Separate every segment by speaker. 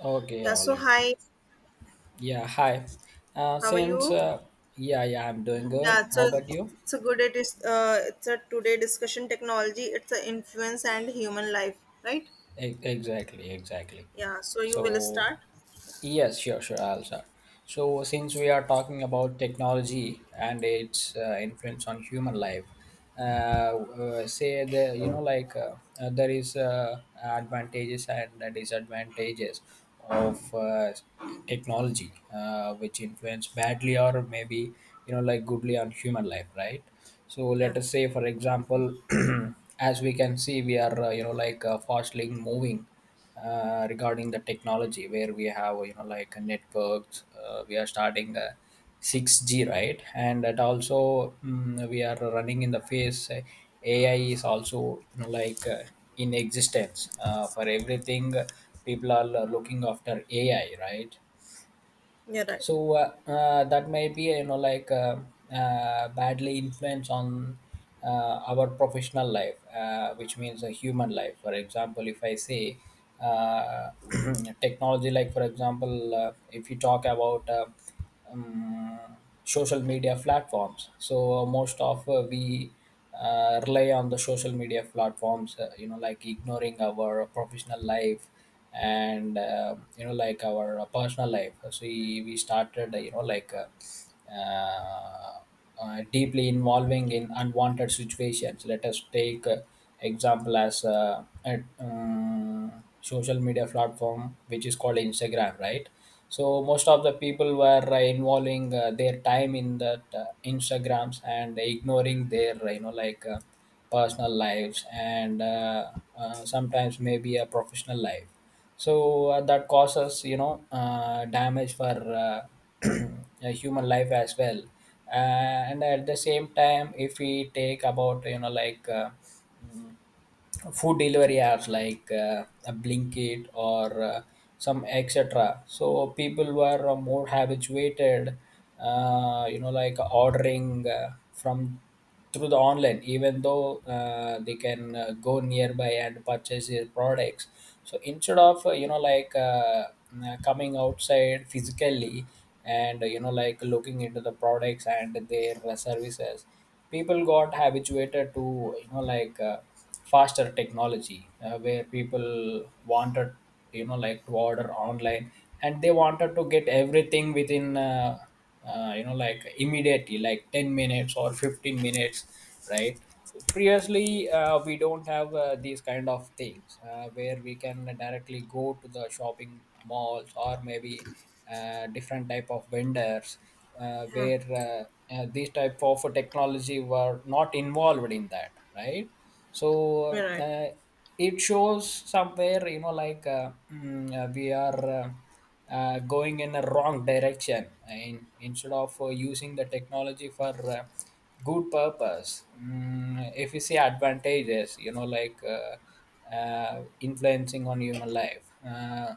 Speaker 1: Okay,
Speaker 2: Yeah,
Speaker 1: all
Speaker 2: so
Speaker 1: right.
Speaker 2: hi,
Speaker 1: Yeah, hi.
Speaker 2: how are
Speaker 1: Since
Speaker 2: you?
Speaker 1: Yeah, yeah, I'm doing good.
Speaker 2: Yeah,
Speaker 1: How
Speaker 2: so
Speaker 1: about you?
Speaker 2: it's a good it's a today discussion technology, it's a influence and human life, right?
Speaker 1: Exactly, exactly.
Speaker 2: Yeah, so you will
Speaker 1: So
Speaker 2: start?
Speaker 1: yes, sure, sure. I'll start. So since we are talking about technology and its influence on human life, say the you know like there is advantages and disadvantages of technology which influence badly or maybe like goodly on human life, right. So
Speaker 2: Yeah,
Speaker 1: let us say, for example, as we can see we are fastly moving regarding the technology, where we have like networks. We are starting 6G, right? And that also we are running in the phase. AI is also like in existence for everything. People are looking after AI, right?
Speaker 2: you're right.
Speaker 1: So that may be badly influence on uh, our professional life, which means a human life. For example, if I say uh, technology, like for example if you talk about um, social media platforms. So most of we rely on the social media platforms, like ignoring our professional life, and like our personal life. So we started uh, deeply involving in unwanted situations. Let us take example as social media platform which is called Instagram, right? So most of the people were involving their time in that Instagrams and ignoring their personal lives, and sometimes maybe a professional life. So that causes damage for a human life as well. And at the same time, if we take about food delivery apps like a Blinkit or some etc. So people were more habituated, like ordering from through the online, even though they can go nearby and purchase their products. So instead of coming outside physically, and like looking into the products and their services, people got habituated to faster technology, where people wanted like to order online, and they wanted to get everything within immediately, like 10 minutes or 15 minutes, right? Previously we don't have these kind of things, where we can directly go to the shopping malls, or maybe different type of vendors,
Speaker 2: Yeah,
Speaker 1: where these type of technology were not involved in that, right? So
Speaker 2: you're right.
Speaker 1: it shows somewhere we are going in a wrong direction, and instead of using the technology for good purpose. If you see advantages, influencing on human life. uh,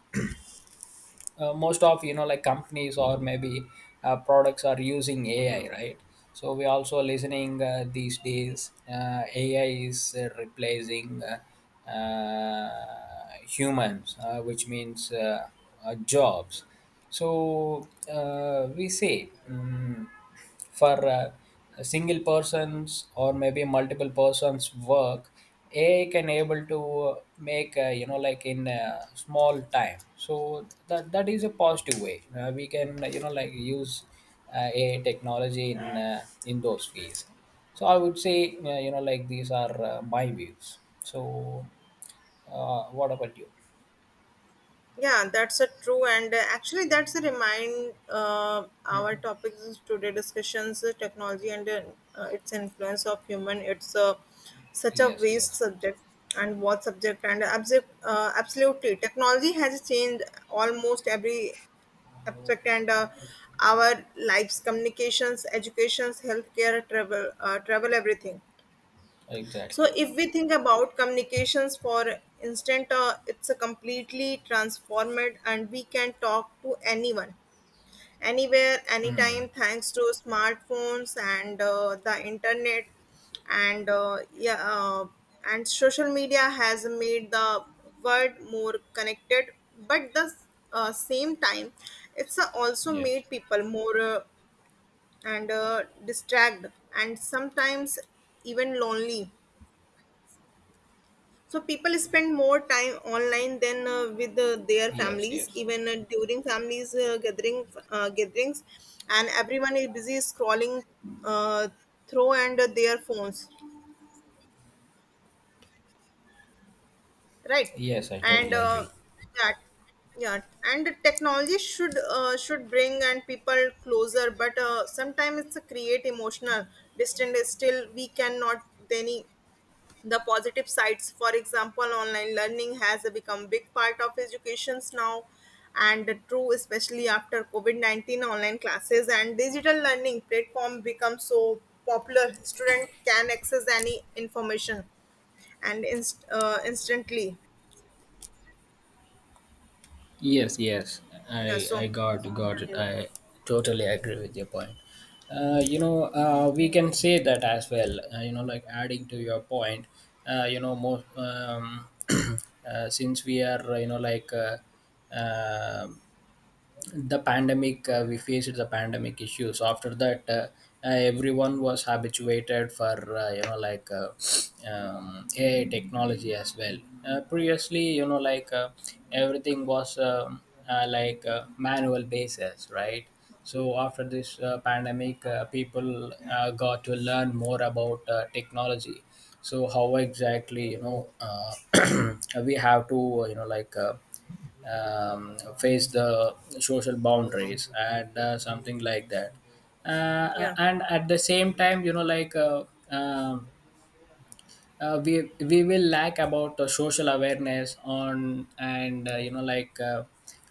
Speaker 1: uh, Most of like companies or maybe products are using AI, right? So we also listening these days, AI is replacing humans, which means jobs. So we say for a single person's or maybe multiple persons work, AI can able to make in small time. So that is a positive way we can like use AI technology in those ways. So I would say like these are my views. So what about you?
Speaker 2: Yeah, that's a true, and actually, that's a remind. Our
Speaker 1: Hmm.
Speaker 2: topics is today discussions technology and its influence of human. It's such a
Speaker 1: Yes,
Speaker 2: vast
Speaker 1: yes,
Speaker 2: subject, and what subject and absolutely, technology has changed almost every aspect and our lives, communications, educations, healthcare, travel, travel, everything. So
Speaker 1: exactly.
Speaker 2: if we think about communications for instance, it's a completely transformed and we can talk to anyone, anywhere,
Speaker 1: Hmm.
Speaker 2: anytime, thanks to smartphones and the internet and and social media has made the world more connected, but the same time, it's also
Speaker 1: Yes,
Speaker 2: made people more and distracted and sometimes even lonely. So people spend more time online than with their
Speaker 1: yes.
Speaker 2: families,
Speaker 1: Yes.
Speaker 2: even during families gatherings, and everyone is busy scrolling uh, through and their phones, right?
Speaker 1: Yes, I
Speaker 2: And
Speaker 1: totally agree.
Speaker 2: that yeah, and technology should should bring and people closer, but sometimes it's a create emotional distance. Still, we cannot any the positive sides. For example, online learning has become a big part of educations now, and true especially after covid-19. Online classes and digital learning platform become so popular. Student can access any information and instantly.
Speaker 1: Yes, yes,
Speaker 2: Yeah,
Speaker 1: I
Speaker 2: so yeah
Speaker 1: I got it.
Speaker 2: you-
Speaker 1: I totally agree with your point. You know, we can say that as well. You know, like adding to your point. You know, most since we are um the pandemic. We faced the pandemic issues. After that, everyone was habituated for AI technology as well. Previously, everything was like manual basis, right? So after this pandemic, people got to learn more about technology. So how exactly we have to face the social boundaries and something like that.
Speaker 2: yeah
Speaker 1: And at the same time, um we will lack about the social awareness on, and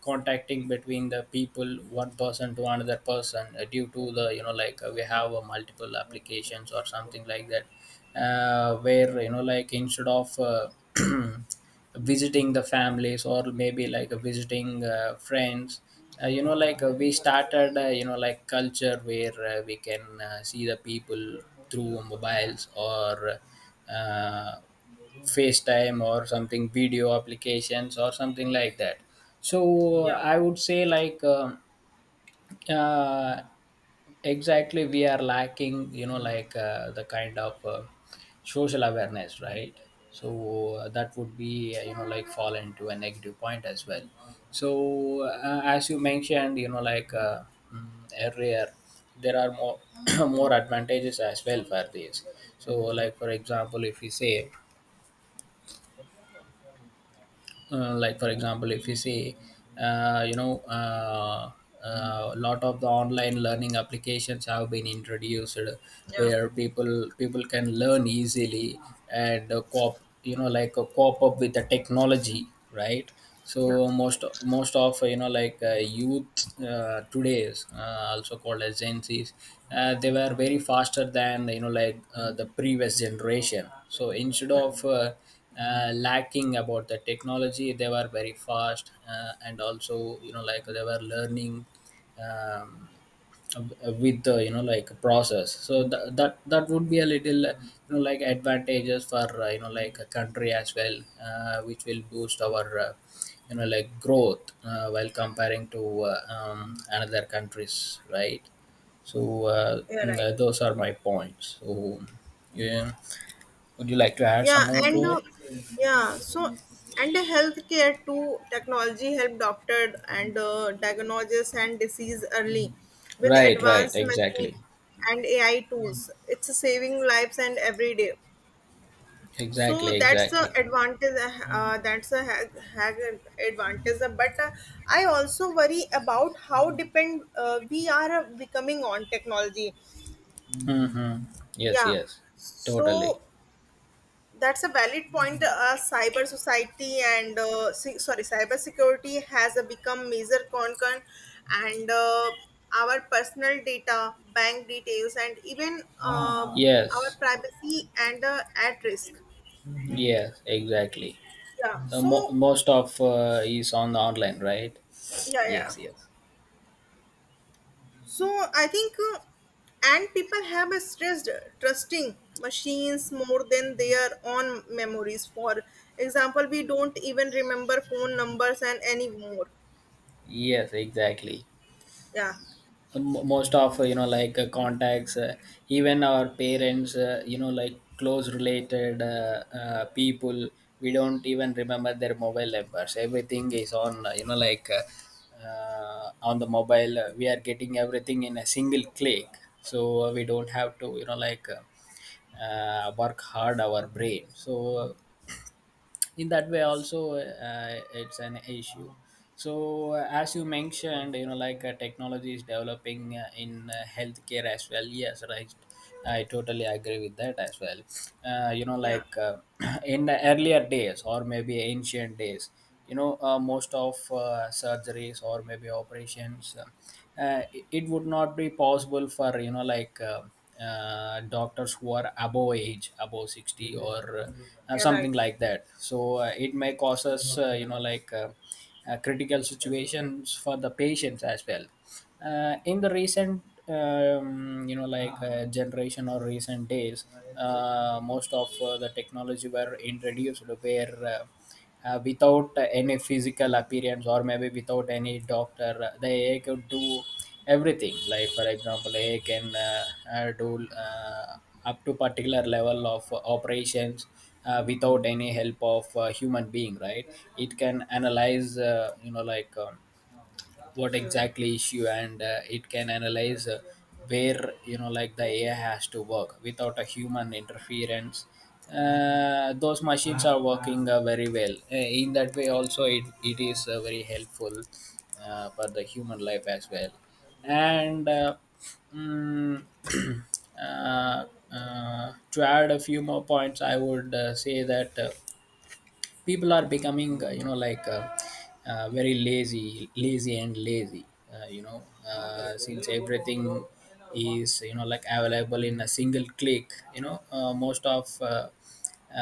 Speaker 1: contacting between the people, one person to another person, due to the we have multiple applications or something like that, where like instead of visiting the families or maybe like visiting friends, we started like culture where we can see the people through mobiles or uh, FaceTime or something, video applications or something like that. So I would say like uh, exactly we are lacking the kind of social awareness, right? So that would be like fall into a negative point as well. So as you mentioned mm, earlier, there are more more advantages as well for this. So like for example if we say like for example if you say uh, you know uh, a lot of the online learning applications have been introduced,
Speaker 2: yeah
Speaker 1: where people can learn easily, and cop cop up with the technology, right?
Speaker 2: yeah
Speaker 1: So
Speaker 2: right
Speaker 1: most of you know like youth today's, also called as Gen Zs, they were very faster than the previous generation. So instead
Speaker 2: yeah
Speaker 1: of lacking about the technology, they were very fast, and also like they were learning um, with the like process. So that would be a little like advantages for like a country as well, which will boost our like growth while comparing to another countries, right? So
Speaker 2: yeah right.
Speaker 1: those are my points. So yeah, would you like to add
Speaker 2: Yeah,
Speaker 1: some more
Speaker 2: and
Speaker 1: to it?
Speaker 2: yeah, so and the healthcare too, technology help doctor and diagnosis and disease early with
Speaker 1: Right, right,
Speaker 2: advanced machine
Speaker 1: exactly.
Speaker 2: and AI tools. It's saving lives and every day, so
Speaker 1: Exactly,
Speaker 2: that's the
Speaker 1: exactly.
Speaker 2: advantage. That's a hag, hag advantage, but I also worry about how depend we are becoming on technology.
Speaker 1: Mm-hmm. Yes,
Speaker 2: Yeah.
Speaker 1: yes, totally.
Speaker 2: So that's a valid point. Cyber society and sorry, cyber security has become major concern, and our personal data, bank details, and even our
Speaker 1: Yes,
Speaker 2: privacy and at risk.
Speaker 1: yes, exactly.
Speaker 2: Yeah. So
Speaker 1: Most of is on the online, right?
Speaker 2: yeah, yeah.
Speaker 1: Yes, yes.
Speaker 2: So I think, and people have a stressed trusting machines more than their own memories. For example, we don't even remember phone numbers and anymore.
Speaker 1: Yes, exactly.
Speaker 2: Yeah.
Speaker 1: Most of contacts, even our parents, you know like close related people. We don't even remember their mobile numbers. Everything is on on the mobile. We are getting everything in a single click. So we don't have to work hard our brain. So in that way also, it's an issue. So as you mentioned technology is developing in healthcare as well, yes, right? I totally agree with that as well. uh, you know
Speaker 2: Yeah,
Speaker 1: like uh, in the earlier days or maybe ancient days, most of surgeries or maybe operations, it would not be possible for doctors who are above age above 60 or
Speaker 2: you're right.
Speaker 1: something like that. So it may cause us critical situations for the patients as well. In the recent generation, or recent days, most of the technology were introduced, where without any physical appearance or maybe without any doctor, the AI could do everything. Like for example, AI can do up to particular level of operations without any help of human being, right? It can analyze what exactly issue, and it can analyze where like the AI has to work without a human interference. Those machines are working very well. In that way also, it is very helpful for the human life as well. And mm, uh, to add a few more points, I would say that people are becoming very lazy and lazy. uh, you know since everything is like available in a single click, most of uh,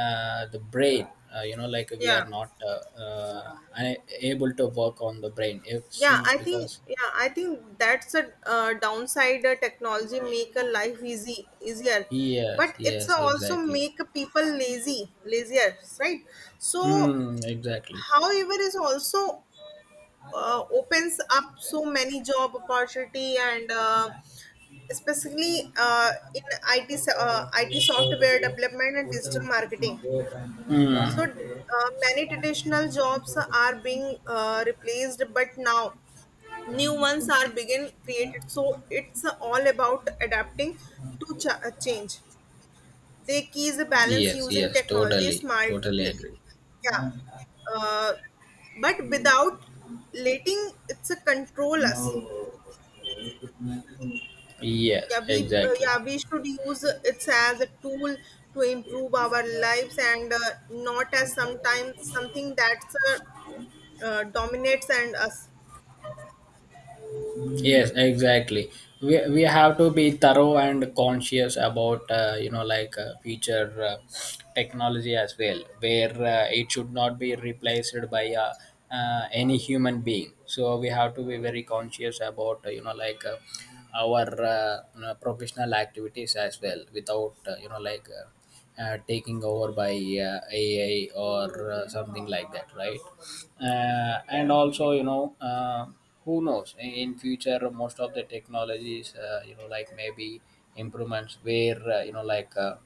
Speaker 1: uh, the brain, we are
Speaker 2: Yeah,
Speaker 1: not able to work on the brain, it
Speaker 2: yeah.
Speaker 1: seems, because
Speaker 2: I think that's a downside. Technology make a life easy easier,
Speaker 1: yes,
Speaker 2: but it's
Speaker 1: yes,
Speaker 2: a also
Speaker 1: exactly.
Speaker 2: make people lazy lazier, right? So,
Speaker 1: Exactly.
Speaker 2: however, is also opens up so many job opportunity and. Especially in IT, IT software development and digital marketing.
Speaker 1: Hmm.
Speaker 2: So many traditional jobs are being replaced, but now new ones are being created. So it's all about adapting to change. They key is a balance
Speaker 1: Yes,
Speaker 2: using
Speaker 1: yes,
Speaker 2: technology
Speaker 1: totally, totally
Speaker 2: smartly.
Speaker 1: agree.
Speaker 2: Yeah. Uh, but without letting it's a control us.
Speaker 1: Yes,
Speaker 2: Yeah, we uh,
Speaker 1: exactly.
Speaker 2: yeah we should use it as a tool to improve our lives and not as sometimes something that's dominates and us.
Speaker 1: Yes, exactly. We have to be thorough and conscious about future technology as well, where it should not be replaced by any human being. So we have to be very conscious about our professional activities as well, without taking over by AI or something like that, right? And
Speaker 2: Yeah,
Speaker 1: also,
Speaker 2: like,
Speaker 1: who knows, in future most of the technologies, maybe improvements, where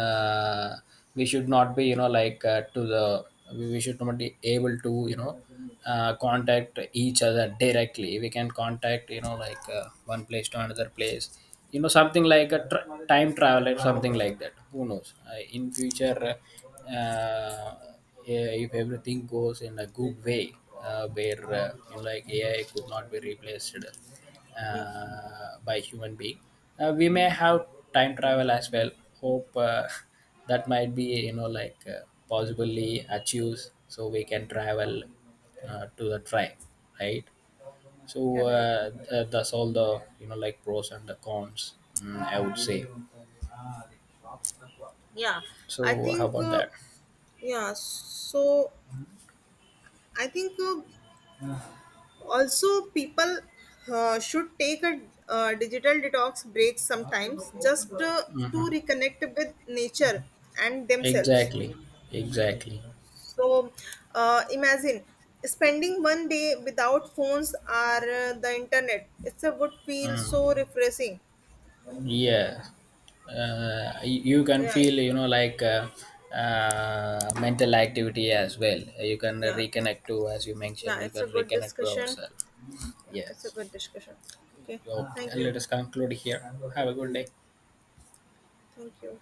Speaker 1: uh, we should not be to the we should not be able to contact each other directly. We can contact one place to another place, something like a tr time travel or something like that. Who knows in future? uh, yeah, if everything goes in a good way, where like AI could not be replaced
Speaker 2: yeah
Speaker 1: by human being, we may have time travel as well. Hope that might be possibly achieves. So we can travel to the time, right? So
Speaker 2: yeah right.
Speaker 1: that's all the like pros and the cons. I would say.
Speaker 2: Yeah. i
Speaker 1: So how
Speaker 2: think
Speaker 1: about
Speaker 2: uh,
Speaker 1: that?
Speaker 2: yeah so I think also people should take a digital detox break sometimes just to
Speaker 1: Hmm.
Speaker 2: reconnect with nature and themselves.
Speaker 1: Exactly, exactly.
Speaker 2: So imagine spending 1 day without phones or the internet. It's a would feel so
Speaker 1: Mm.
Speaker 2: refreshing.
Speaker 1: Yeah, you can
Speaker 2: Yeah
Speaker 1: feel mental activity as well. You can
Speaker 2: yeah
Speaker 1: reconnect to, as you
Speaker 2: yeah,
Speaker 1: mentioned, you
Speaker 2: it's
Speaker 1: can
Speaker 2: a good
Speaker 1: reconnect to
Speaker 2: discussion.
Speaker 1: ourselves. Yes.
Speaker 2: It's a good discussion. Okay.
Speaker 1: Okay,
Speaker 2: Thank you.
Speaker 1: let us conclude here. Have a good day.
Speaker 2: Thank you.